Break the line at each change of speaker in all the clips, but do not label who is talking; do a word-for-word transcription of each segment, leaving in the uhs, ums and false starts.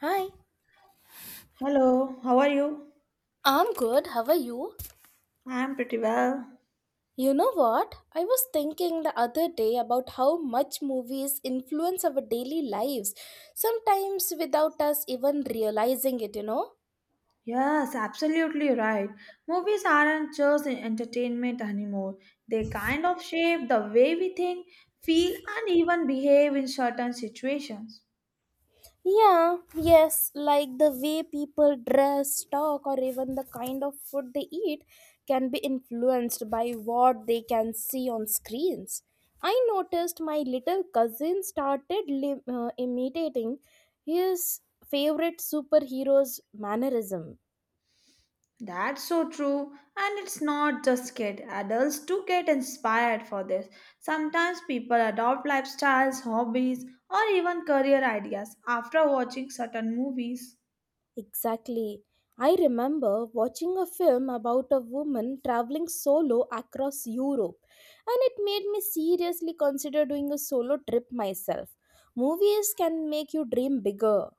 Hi,
Hello, how are you?
I'm good. How are you?
I'm pretty well.
You know what? I was thinking the other day about how much movies influence our daily lives, sometimes without us even realizing it, you know?
Yes, absolutely right. Movies aren't just entertainment anymore. They kind of shape the way we think, feel, and even behave in certain situations.
Yeah, yes, like the way people dress, talk, or even the kind of food they eat can be influenced by what they can see on screens. I noticed my little cousin started li- uh, imitating his favorite superhero's mannerism.
That's so true. And it's not just kids, adults too get inspired for this. Sometimes people adopt lifestyles, hobbies, or even career ideas after watching certain movies.
Exactly. I remember watching a film about a woman traveling solo across Europe, and it made me seriously consider doing a solo trip myself. Movies can make you dream bigger.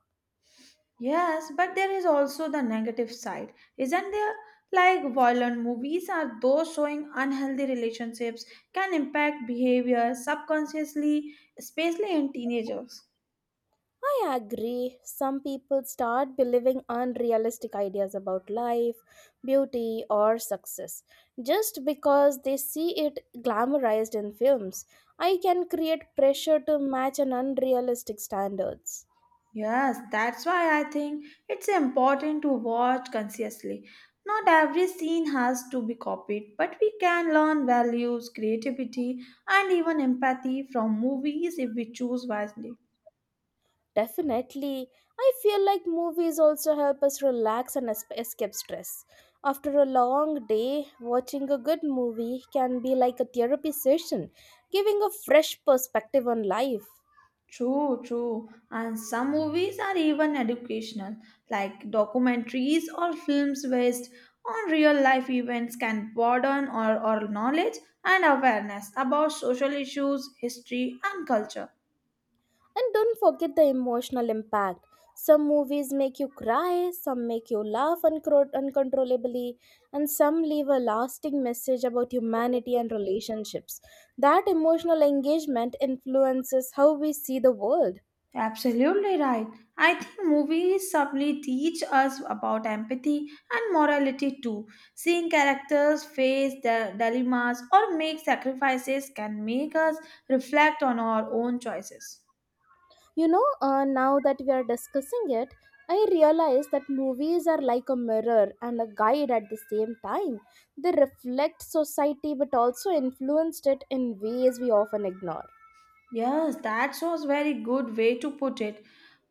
Yes, but there is also the negative side, isn't there? Like violent movies are those showing unhealthy relationships can impact behavior subconsciously, especially in teenagers.
I agree. Some people start believing unrealistic ideas about life, beauty, or success just because they see it glamorized in films. I can create pressure to match an unrealistic standards.
Yes, that's why I think it's important to watch consciously. Not every scene has to be copied, but we can learn values, creativity, and even empathy from movies if we choose wisely.
Definitely. I feel like movies also help us relax and es- escape stress. After a long day, watching a good movie can be like a therapy session, giving a fresh perspective on life.
True, true. And some movies are even educational, like documentaries or films based on real life events can broaden our, our knowledge and awareness about social issues, history, and culture.
And don't forget the emotional impact. Some movies make you cry, some make you laugh uncro- uncontrollably, and some leave a lasting message about humanity and relationships. That emotional engagement influences how we see the world.
Absolutely right. I think movies subtly teach us about empathy and morality too. Seeing characters face their dilemmas or make sacrifices can make us reflect on our own choices.
You know, uh, now that we are discussing it, I realize that movies are like a mirror and a guide at the same time. They reflect society but also influenced it in ways we often ignore.
Yes, that was very good way to put it.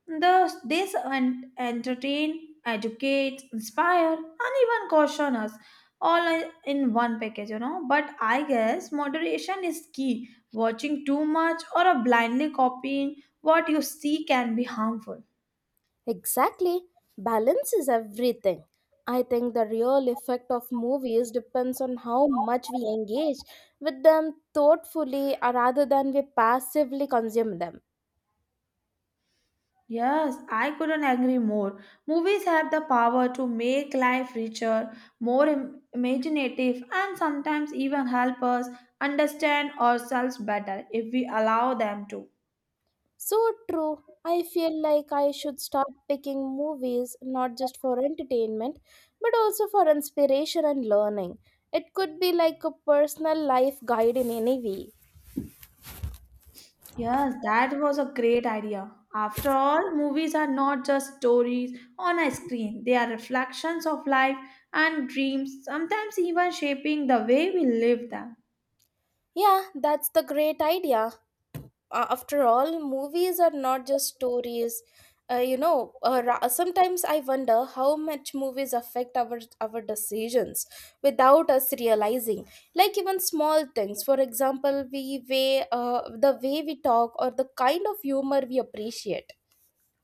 The this en- entertain, educate, inspire, and even caution us all in in one package, you know. But I guess moderation is key. Watching too much or a blindly copying what you see can be harmful.
Exactly. Balance is everything. I think the real effect of movies depends on how much we engage with them thoughtfully uh, rather than we passively consume them.
Yes, I couldn't agree more. Movies have the power to make life richer, more im- imaginative, and sometimes even help us understand ourselves better if we allow them to.
So true. I feel like I should start picking movies not just for entertainment but also for inspiration and learning. It could be like a personal life guide in any way.
Yes, that was a great idea. After all, movies are not just stories on a screen, they are reflections of life and dreams, sometimes even shaping the way we live them.
Yeah, that's the great idea. Uh, after all, movies are not just stories. Uh, you know uh, ra- sometimes I wonder how much movies affect our our decisions without us realizing, like even small things. For example, we way uh, the way we talk or the kind of humor we appreciate.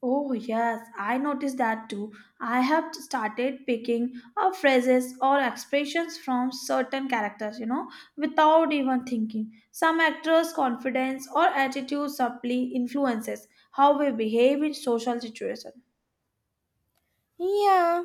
Oh, yes, I noticed that too. I have started picking up phrases or expressions from certain characters, you know, without even thinking. Some actors' confidence or attitude subtly influences how we behave in social situations.
Yeah,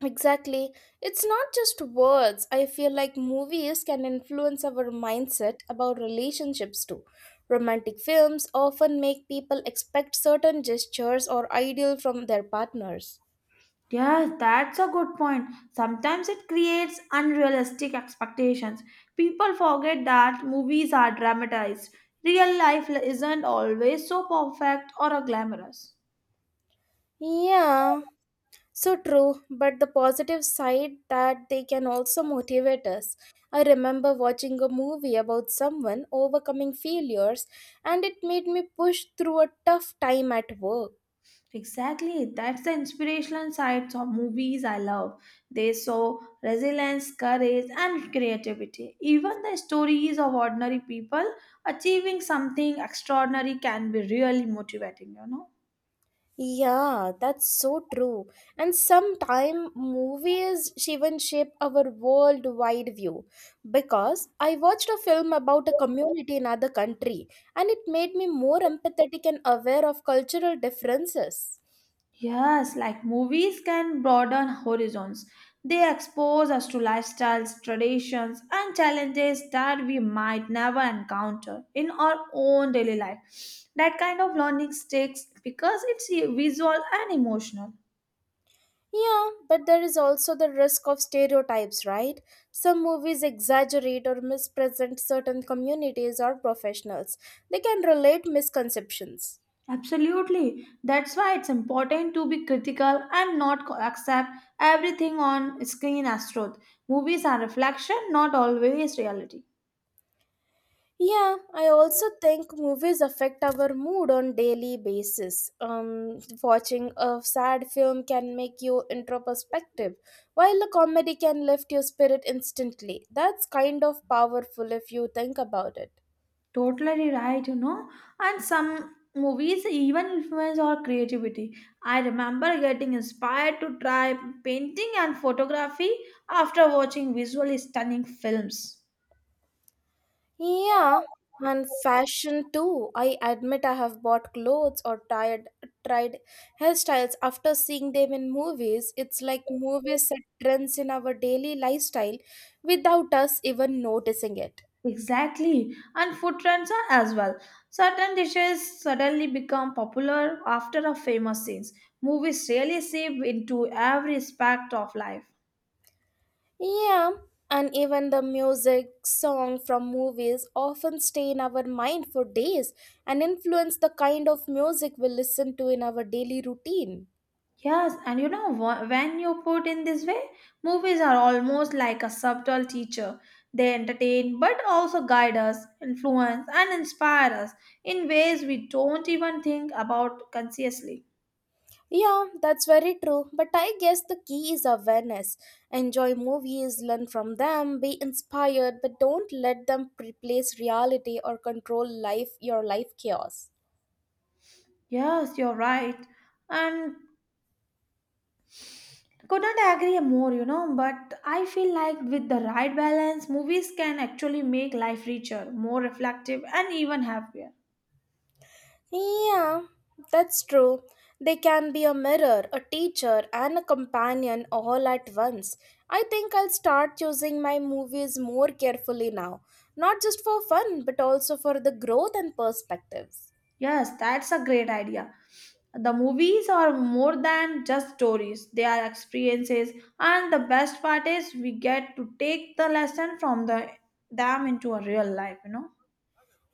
exactly. It's not just words. I feel like movies can influence our mindset about relationships too. Romantic films often make people expect certain gestures or ideal from their partners.
Yes, that's a good point. Sometimes it creates unrealistic expectations. People forget that movies are dramatized. Real life isn't always so perfect or glamorous.
Yeah, so true. But the positive side that they can also motivate us. I remember watching a movie about someone overcoming failures, and it made me push through a tough time at work.
Exactly. That's the inspirational sides of movies I love. They show resilience, courage, and creativity. Even the stories of ordinary people achieving something extraordinary can be really motivating, you know?
Yeah, that's so true. And sometime movies even shape our worldwide view. Because I watched a film about a community in other country, and it made me more empathetic and aware of cultural differences.
Yes, like movies can broaden horizons. They expose us to lifestyles, traditions, and challenges that we might never encounter in our own daily life. That kind of learning sticks because it's visual and emotional.
Yeah, but there is also the risk of stereotypes, right? Some movies exaggerate or mispresent certain communities or professionals. They can relate misconceptions.
Absolutely. That's why it's important to be critical and not co- accept everything on screen as truth. Movies are reflection, not always reality.
Yeah, I also think movies affect our mood on daily basis. Um, watching a sad film can make you introspective, while a comedy can lift your spirit instantly. That's kind of powerful if you think about it.
Totally right, you know. And some movies even influence our creativity. I remember getting inspired to try painting and photography after watching visually stunning films.
Yeah, and fashion too. I admit I have bought clothes or tried tried hairstyles after seeing them in movies. It's like movies set trends in our daily lifestyle without us even noticing it.
Exactly, and food trends are as well. Certain dishes suddenly become popular after a famous scene. Movies really seep into every aspect of life.
Yeah, and even the music, song from movies often stay in our mind for days and influence the kind of music we listen to in our daily routine.
Yes, and you know, wh- when you put in this way, movies are almost like a subtle teacher. They entertain but also guide us, influence, and inspire us in ways we don't even think about consciously.
Yeah, that's very true. But I guess the key is awareness. Enjoy movies, learn from them, be inspired, but don't let them replace reality or control life your life chaos.
Yes, you're right. And Couldn't agree more, you know, but I feel like with the right balance, movies can actually make life richer, more reflective, and even happier.
Yeah, that's true. They can be a mirror, a teacher, and a companion all at once. I think I'll start choosing my movies more carefully now, not just for fun, but also for the growth and perspectives.
Yes, that's a great idea. The movies are more than just stories, they are experiences, and the best part is we get to take the lesson from the, them into a real life, you know.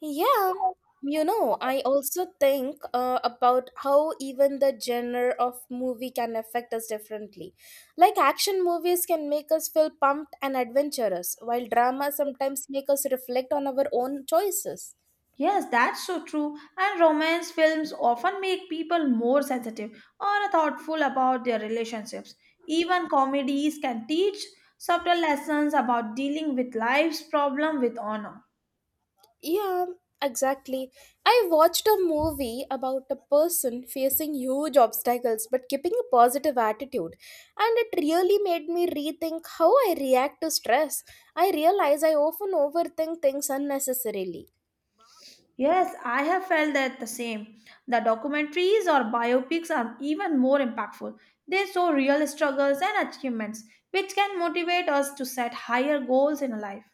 Yeah, you know, I also think uh, about how even the genre of movie can affect us differently. Like action movies can make us feel pumped and adventurous, while drama sometimes make us reflect on our own choices.
Yes, that's so true. And romance films often make people more sensitive or thoughtful about their relationships. Even comedies can teach subtle lessons about dealing with life's problem with honor.
Yeah, exactly. I watched a movie about a person facing huge obstacles but keeping a positive attitude, and it really made me rethink how I react to stress. I realize I often overthink things unnecessarily.
Yes, I have felt that the same. The documentaries or biopics are even more impactful. They show real struggles and achievements, which can motivate us to set higher goals in life.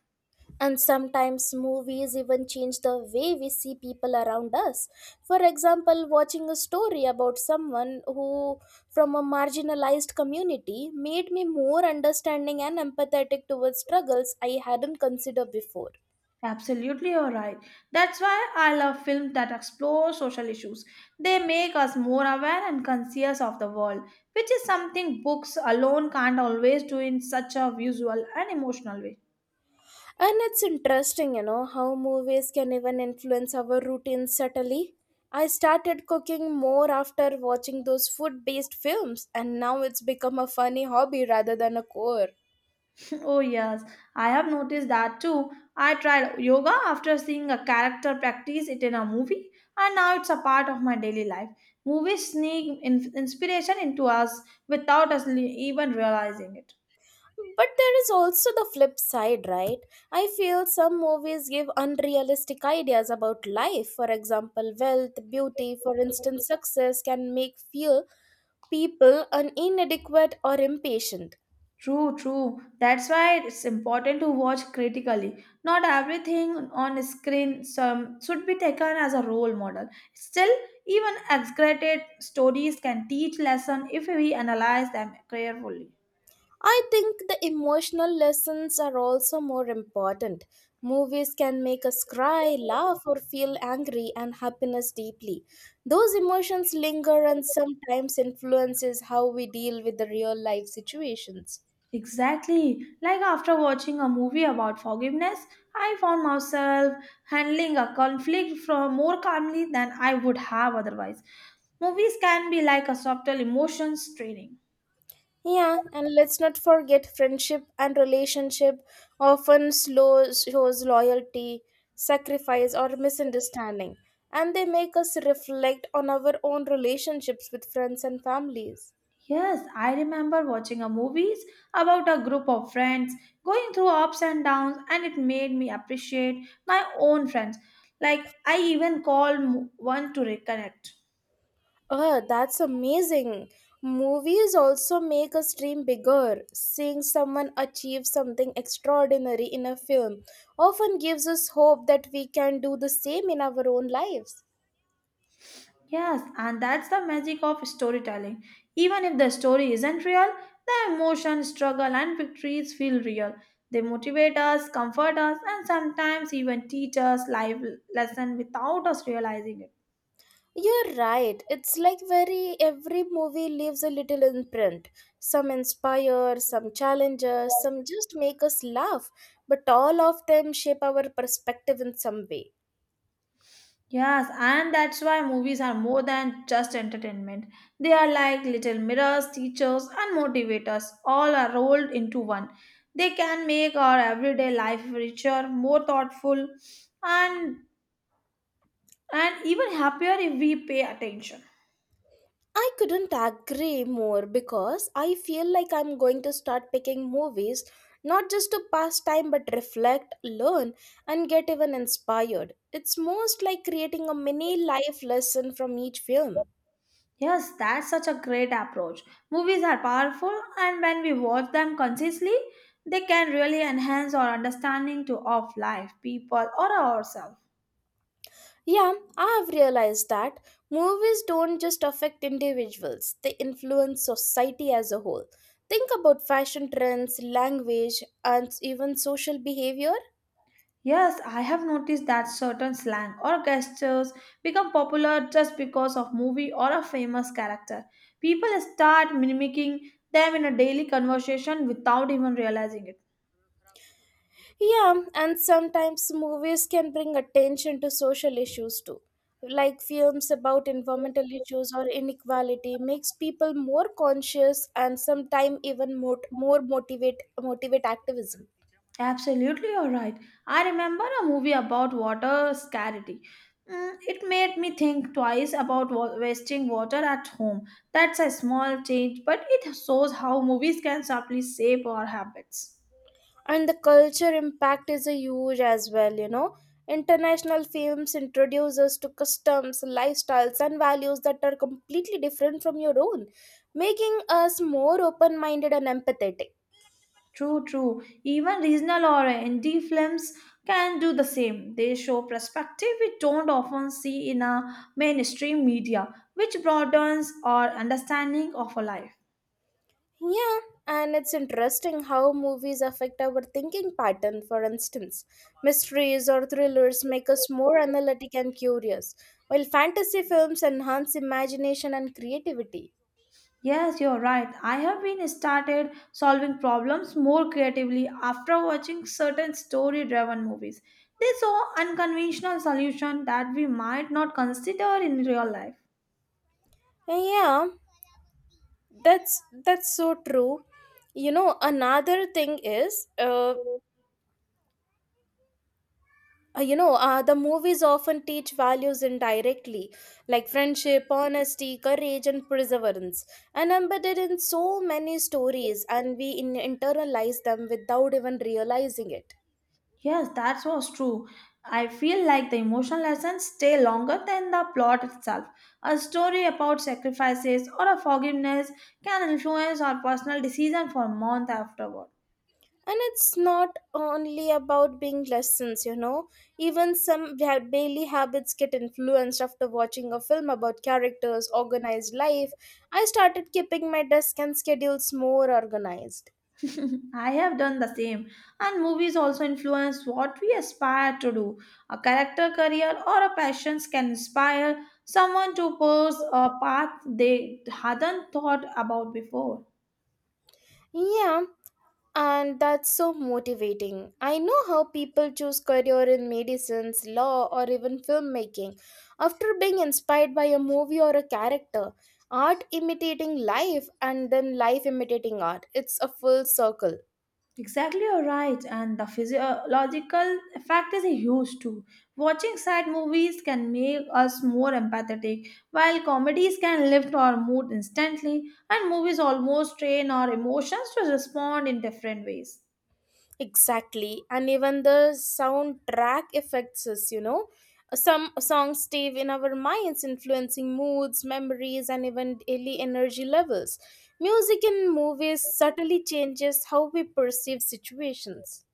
And sometimes movies even change the way we see people around us. For example, watching a story about someone who from a marginalized community made me more understanding and empathetic towards struggles I hadn't considered before.
Absolutely, you're right. That's why I love films that explore social issues. They make us more aware and conscious of the world, which is something books alone can't always do in such a visual and emotional way.
And it's interesting, you know, how movies can even influence our routines subtly. I started cooking more after watching those food based films, and now it's become a funny hobby rather than a core.
Oh, yes, I have noticed that too. I tried yoga after seeing a character practice it in a movie, and now it's a part of my daily life. Movies sneak in- inspiration into us without us le- even realizing it.
But there is also the flip side, right? I feel some movies give unrealistic ideas about life. For example, wealth, beauty, for instance, success can make feel people un- inadequate or impatient.
True, true. That's why it's important to watch critically. Not everything on screen some should be taken as a role model. Still, even exaggerated stories can teach lesson if we analyze them carefully.
I think the emotional lessons are also more important. Movies can make us cry, laugh, or feel angry and happiness deeply. Those emotions linger and sometimes influences how we deal with the real life situations.
Exactly. Like after watching a movie about forgiveness, I found myself handling a conflict from more calmly than I would have otherwise. Movies can be like a subtle emotions training.
Yeah, and let's not forget friendship and relationship often slow shows loyalty, sacrifice, or misunderstanding, and they make us reflect on our own relationships with friends and families.
Yes, I remember watching a movies about a group of friends going through ups and downs and it made me appreciate my own friends. Like I even called one to reconnect.
Oh, that's amazing! Movies also make us dream bigger. Seeing someone achieve something extraordinary in a film often gives us hope that we can do the same in our own lives.
Yes, and that's the magic of storytelling. Even if the story isn't real, the emotion, struggle and victories feel real. They motivate us, comfort us and sometimes even teach us life lesson without us realizing
You're right. It's like very every movie leaves a little imprint. Some inspire, some challenge us,
it.
some just make us laugh, but all of them shape our perspective in some way.
Yes, and that's why movies are more than just entertainment. They are like little mirrors, teachers, and motivators, all are rolled into one. They can make our everyday life richer, more thoughtful, and and even happier if we pay attention.
I couldn't agree more because I feel like I'm going to start picking movies not just to pass time but reflect, learn, and get even inspired. It's most like creating a mini life lesson from each film.
Yes, that's such a great approach. Movies are powerful, and when we watch them consciously, they can really enhance our understanding to of life, people, or ourselves.
Yeah, I have realized that movies don't just affect individuals, they influence society as a whole. Think about fashion trends, language, and even social behavior.
Yes, I have noticed that certain slang or gestures become popular just because of movie or a famous character. People start mimicking them in a daily conversation without even realizing it.
Yeah, and sometimes movies can bring attention to social issues too. Like films about environmental issues or inequality makes people more conscious and sometimes even mot- more motivate motivate activism.
Absolutely, you're right. I remember a movie about water scarcity. Mm, it made me think twice about wa- wasting water at home. That's a small change, but it shows how movies can subtly shape our habits.
And the culture impact is a huge as well, you know. International films introduce us to customs, lifestyles, and values that are completely different from your own, making us more open-minded and empathetic.
True, true. Even regional or indie films can do the same. They show perspective we don't often see in a mainstream media, which broadens our understanding of a life.
Yeah, and it's interesting how movies affect our thinking pattern. For instance, mysteries or thrillers make us more analytic and curious, while fantasy films enhance imagination and creativity.
Yes, you're right. I have been started solving problems more creatively after watching certain story-driven movies. They show unconventional solutions that we might not consider in real life.
Yeah, that's that's so true. You know, another thing is, uh, you know uh, the movies often teach values indirectly, like friendship, honesty, courage, and perseverance, and embedded in so many stories, and we in- internalize them without even realizing it.
Yes, that was true. I feel like the emotional lessons stay longer than the plot itself. A story about sacrifices or a forgiveness can influence our personal decision for months afterward.
And it's not only about being lessons, you know. Even some da- daily habits get influenced after watching a film about characters organized life. I started keeping my desk and schedules more organized.
I have done the same, and movies also influence what we aspire to do. A character career or a passions can inspire someone to pursue a path they hadn't thought about before.
Yeah, and that's so motivating. I know how people choose career in medicines, law, or even filmmaking. After being inspired by a movie or a character, art imitating life and then life imitating art. It's a full circle.
Exactly, you're right. And the physiological effect is huge too. Watching sad movies can make us more empathetic, while comedies can lift our mood instantly, and movies almost train our emotions to respond in different ways.
Exactly, and even the soundtrack affects us, you know. Some songs stay in our minds, influencing moods, memories, and even daily energy levels. Music in movies subtly changes how we perceive situations.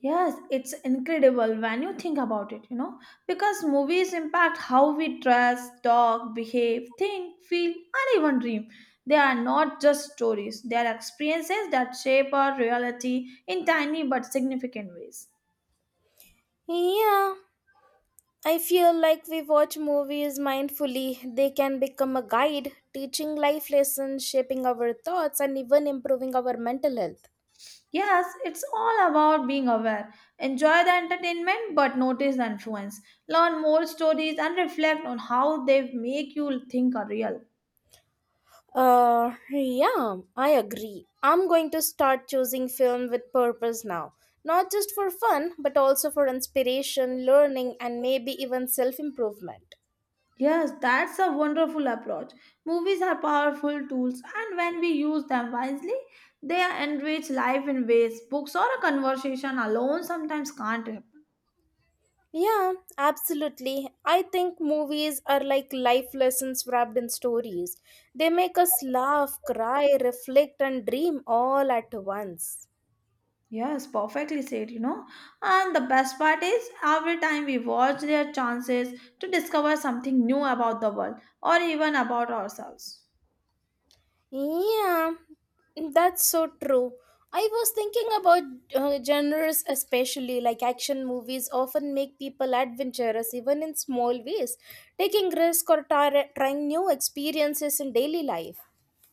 Yes, it's incredible when you think about it, you know, because movies impact how we dress, talk, behave, think, feel, and even dream. They are not just stories, they are experiences that shape our reality in tiny but significant ways.
Yeah, I feel like we watch movies mindfully. They can become a guide, teaching life lessons, shaping our thoughts, and even improving our mental health.
Yes, it's all about being aware. Enjoy the entertainment but notice the influence. Learn more stories and reflect on how they make you think are real.
Uh, yeah, I agree. I'm going to start choosing film with purpose now. Not just for fun, but also for inspiration, learning, and maybe even self improvement.
Yes, that's a wonderful approach. Movies are powerful tools, and when we use them wisely, they enrich life in ways books or a conversation alone sometimes can't.
Yeah, absolutely. I think movies are like life lessons wrapped in stories. They make us laugh, cry, reflect, and dream all at once.
Yes, perfectly said, you know. And the best part is, every time we watch, there are chances to discover something new about the world or even about ourselves.
Yeah, that's so true. I was thinking about uh, genres, especially like action movies, often make people adventurous even in small ways, taking risks or tar- trying new experiences in daily life.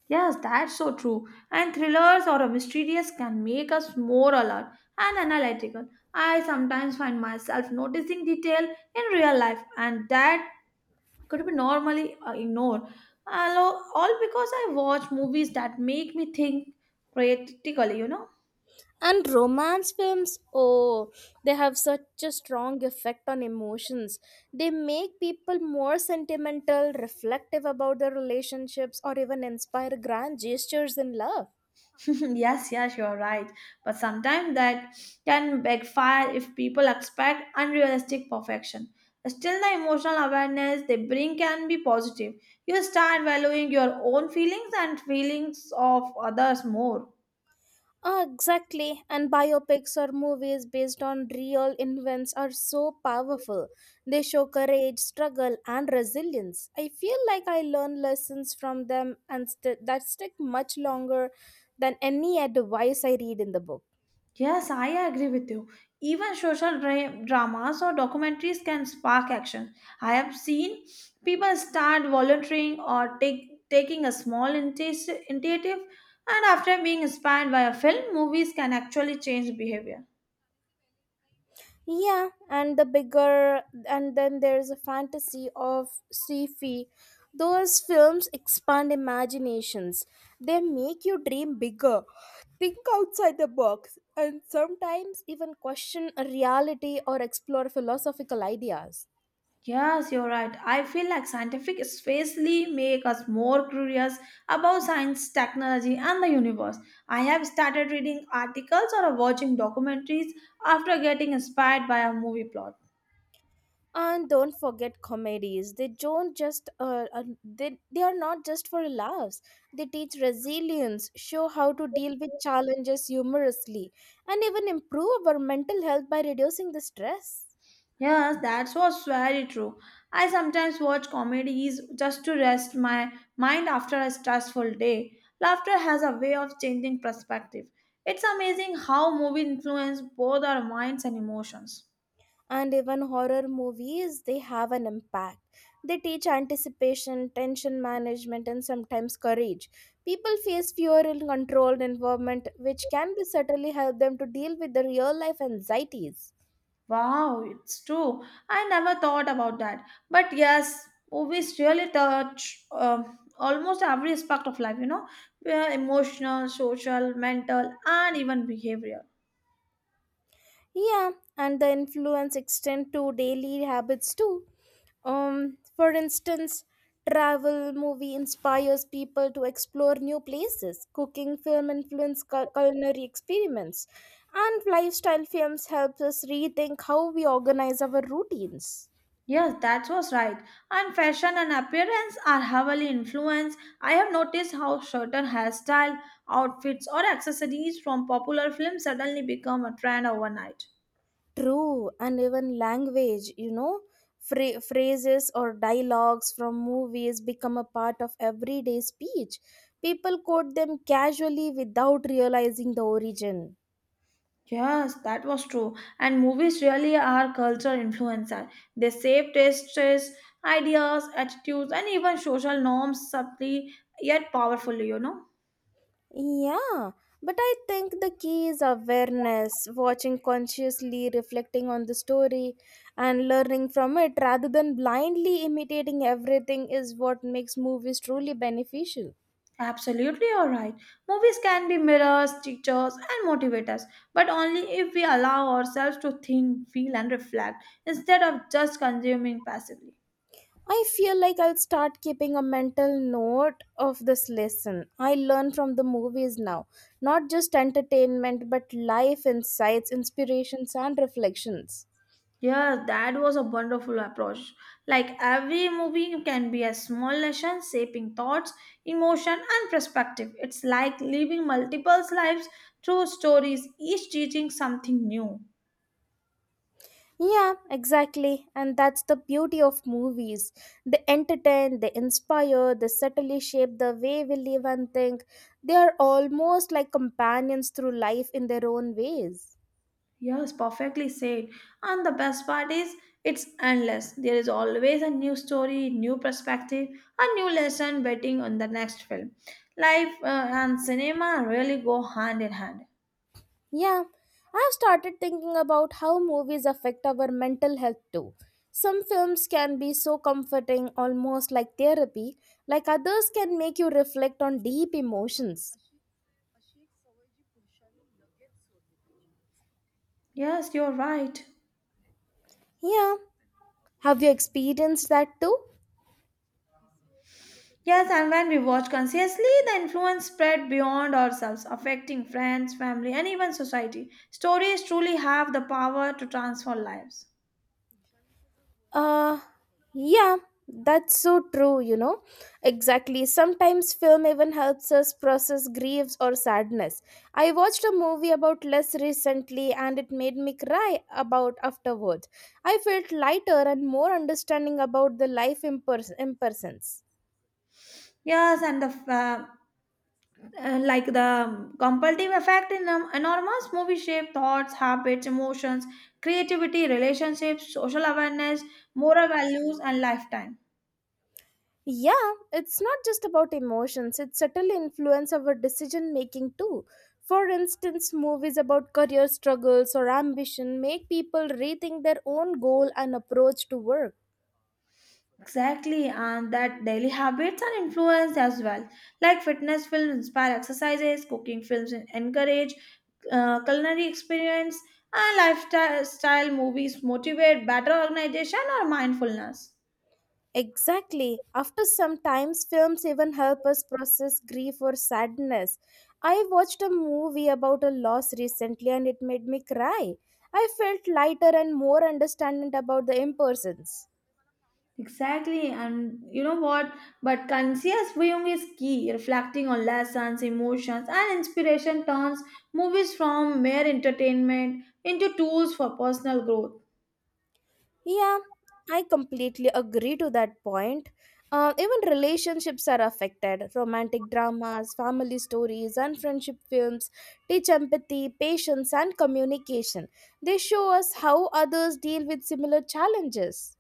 Yes, that's so true. And thrillers or a mysterious can make us more alert and analytical. I sometimes find myself noticing detail in real life and that could be normally uh, ignored. Allo- All because I watch movies that make me think critically, you know.
And romance films, oh, they have such a strong effect on emotions. They make people more sentimental, reflective about their relationships, or even inspire grand gestures in love.
Yes, yes, you're right. But sometimes that can backfire if people expect unrealistic perfection. Still, the emotional awareness they bring can be positive. You start valuing your own feelings and feelings of others more.
Ah, exactly. And biopics or movies based on real events are so powerful. They show courage, struggle, and resilience. I feel like I learn lessons from them and st- that stick much longer than any advice I read in the book.
Yes, I agree with you. Even social dra- dramas or documentaries can spark action. I have seen people start volunteering or take, taking a small intis- initiative, and after being inspired by a film, movies can actually change behavior.
Yeah, and the bigger, and then there's a fantasy of sci-fi. Those films expand imaginations. They make you dream bigger, think outside the box, and sometimes even question a reality or explore philosophical ideas.
Yes, you're right. I feel like scientific spacely make us more curious about science, technology, and the universe. I have started reading articles or watching documentaries after getting inspired by a movie plot.
And don't forget comedies. They don't just uh, uh, they they are not just for laughs. They teach resilience, show how to deal with challenges humorously, and even improve our mental health by reducing the stress.
Yes, that was very true. I sometimes watch comedies just to rest my mind after a stressful day. Laughter has a way of changing perspective. It's amazing how movies influence both our minds and emotions.
And even horror movies, they have an impact. They teach anticipation, tension management, and sometimes courage. People face fear in controlled environment, which can be certainly help them to deal with the real life anxieties.
Wow, it's true. I never thought about that. But yes, movies really touch um almost every aspect of life, you know, where emotional, social, mental, and even behavioral.
Yeah, and the influence extend to daily habits too. Um, for instance, travel movie inspires people to explore new places. Cooking film influence cu- culinary experiments, and lifestyle films helps us rethink how we organize our routines.
Yes, that was right. And fashion and appearance are heavily influenced. I have noticed how certain hairstyle, outfits, or accessories from popular films suddenly become a trend overnight.
True, and even language, you know, phra- phrases or dialogues from movies become a part of everyday speech. People quote them casually without realizing the origin.
Yes, that was true. And movies really are culture influencer. They shape tastes, ideas, attitudes, and even social norms subtly yet powerfully, you know.
Yeah, but I think the key is awareness, watching consciously, reflecting on the story, and learning from it rather than blindly imitating everything is what makes movies truly beneficial.
Absolutely, all right. Movies can be mirrors, teachers, and motivators, but only if we allow ourselves to think, feel, and reflect instead of just consuming passively.
I feel like I'll start keeping a mental note of this lesson. I learn from the movies now, not just entertainment, but life insights, inspirations, and reflections.
Yeah, that was a wonderful approach. Like every movie can be a small lesson shaping thoughts, emotion, and perspective. It's like living multiple lives through stories, each teaching something new.
Yeah, exactly. And that's the beauty of movies. They entertain, they inspire, they subtly shape the way we live and think. They are almost like companions through life in their own ways.
Yes, perfectly said. And the best part is, it's endless. There is always a new story, new perspective, a new lesson waiting on the next film. Life uh, and cinema really go hand in hand.
Yeah, I've started thinking about how movies affect our mental health too. Some films can be so comforting, almost like therapy, like others can make you reflect on deep emotions.
Yes, you're right.
Yeah, have you experienced that too?
Yes, and when we watch consciously, the influence spread beyond ourselves, affecting friends, family, and even society. Stories truly have the power to transform lives.
Uh, yeah, that's so true, you know. Exactly. Sometimes film even helps us process griefs or sadness. I watched a movie about less recently and it made me cry about afterwards. I felt lighter and more understanding about the life in, pers- in persons.
Yes, and the uh, uh, like the um, compulsive effect in um, enormous movie shape thoughts habits emotions creativity relationships social awareness moral values and lifetime
Yeah, it's not just about emotions, it subtly influences our decision making too. For instance, movies about career struggles or ambition make people rethink their own goal and approach to work.
exactly and that daily habits are influenced as well like fitness films inspire exercises cooking films encourage uh, culinary experience and lifestyle style movies motivate better organization or mindfulness.
Exactly. After some times, films even help us process grief or sadness. I watched a movie about a loss recently and it made me cry. I felt lighter and more understanding about the impersons.
Exactly, and you know what? But conscious viewing is key. Reflecting on lessons, emotions, and inspiration turns movies from mere entertainment into tools for personal growth.
Yeah, I completely agree to that point. Uh, even relationships are affected. Romantic dramas, family stories, and friendship films teach empathy, patience, and communication. They show us how others deal with similar challenges.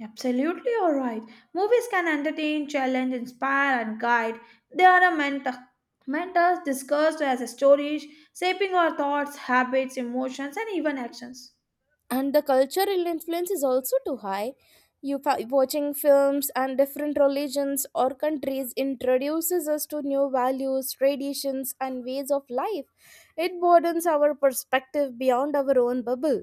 Absolutely, all right. Movies can entertain, challenge, inspire, and guide. They are a mentor. Mentors discussed as stories, shaping our thoughts, habits, emotions, and even actions.
And the cultural influence is also too high. You fa- watching films and different religions or countries introduces us to new values, traditions, and ways of life. It broadens our perspective beyond our own bubble.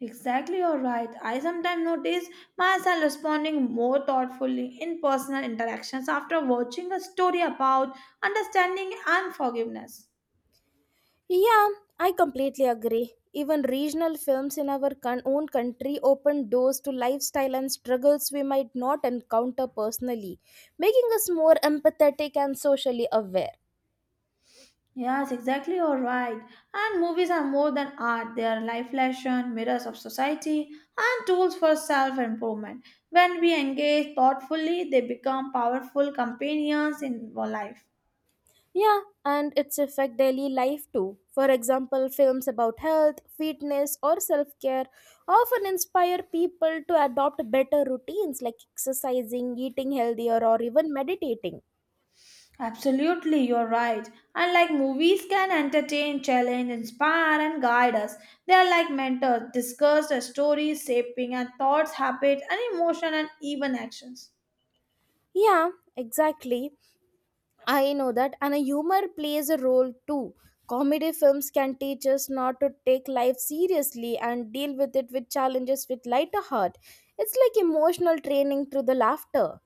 Exactly, you're right. I sometimes notice myself responding more thoughtfully in personal interactions after watching a story about understanding and forgiveness.
Yeah, I completely agree. Even regional films in our con- own country open doors to lifestyle and struggles we might not encounter personally, making us more empathetic and socially aware.
Yes, exactly, you're right. And movies are more than art, they are life lessons, mirrors of society, and tools for self improvement. When we engage thoughtfully, they become powerful companions in our life.
Yeah, and its affect daily life too. For example, films about health, fitness, or self-care often inspire people to adopt better routines like exercising, eating healthier, or even meditating.
Absolutely, you're right. And like movies can entertain, challenge, inspire, and guide us. They are like mentors, discuss the stories, shaping our thoughts, habits, and emotion, and even actions.
Yeah, exactly. I know that, and a humor plays a role too. Comedy films can teach us not to take life seriously and deal with it with challenges with lighter heart. It's like emotional training through the laughter.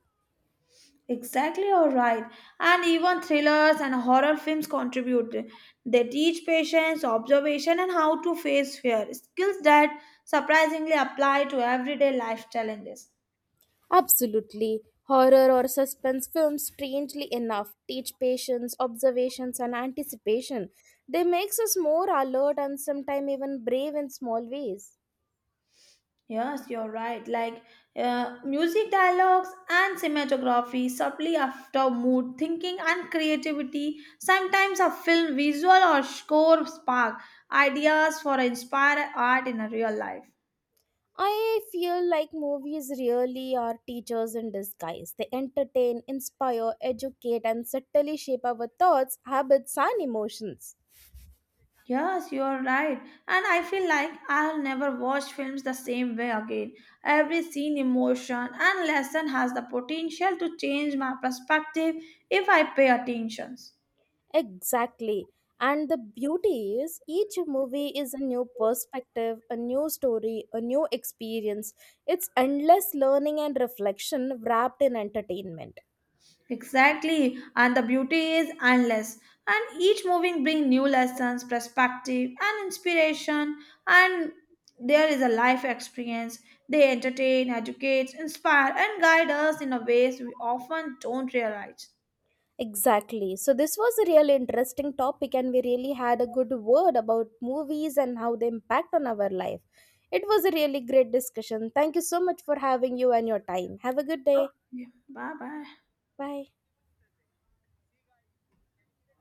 Exactly, you're right. And even thrillers and horror films contribute. They teach patience, observation, and how to face fear, skills that surprisingly apply to everyday life challenges.
Absolutely. Horror or suspense films, strangely enough, teach patience, observations, and anticipation. They makes us more alert and sometimes even brave in small ways.
Yes, you're right. Like uh, music dialogues and cinematography subtly after mood, thinking, and creativity. Sometimes a film visual or score spark ideas for inspired art in a real life.
I feel like movies really are teachers in disguise. They entertain, inspire, educate, and subtly shape our thoughts, habits, and emotions.
Yes, you're right. And I feel like I'll never watch films the same way again. Every scene, emotion, and lesson has the potential to change my perspective if I pay attention.
Exactly. And the beauty is each movie is a new perspective, a new story, a new experience. It's endless learning and reflection wrapped in entertainment.
Exactly, and the beauty is endless. And each moving bring new lessons, perspective, and inspiration. And there is a life experience. They entertain, educate, inspire, and guide us in a ways we often don't realize.
Exactly. So this was a really interesting topic and we really had a good word about movies and how they impact on our life. It was a really great discussion. Thank you so much for having you and your time. Have a good day.
Bye bye.
Bye.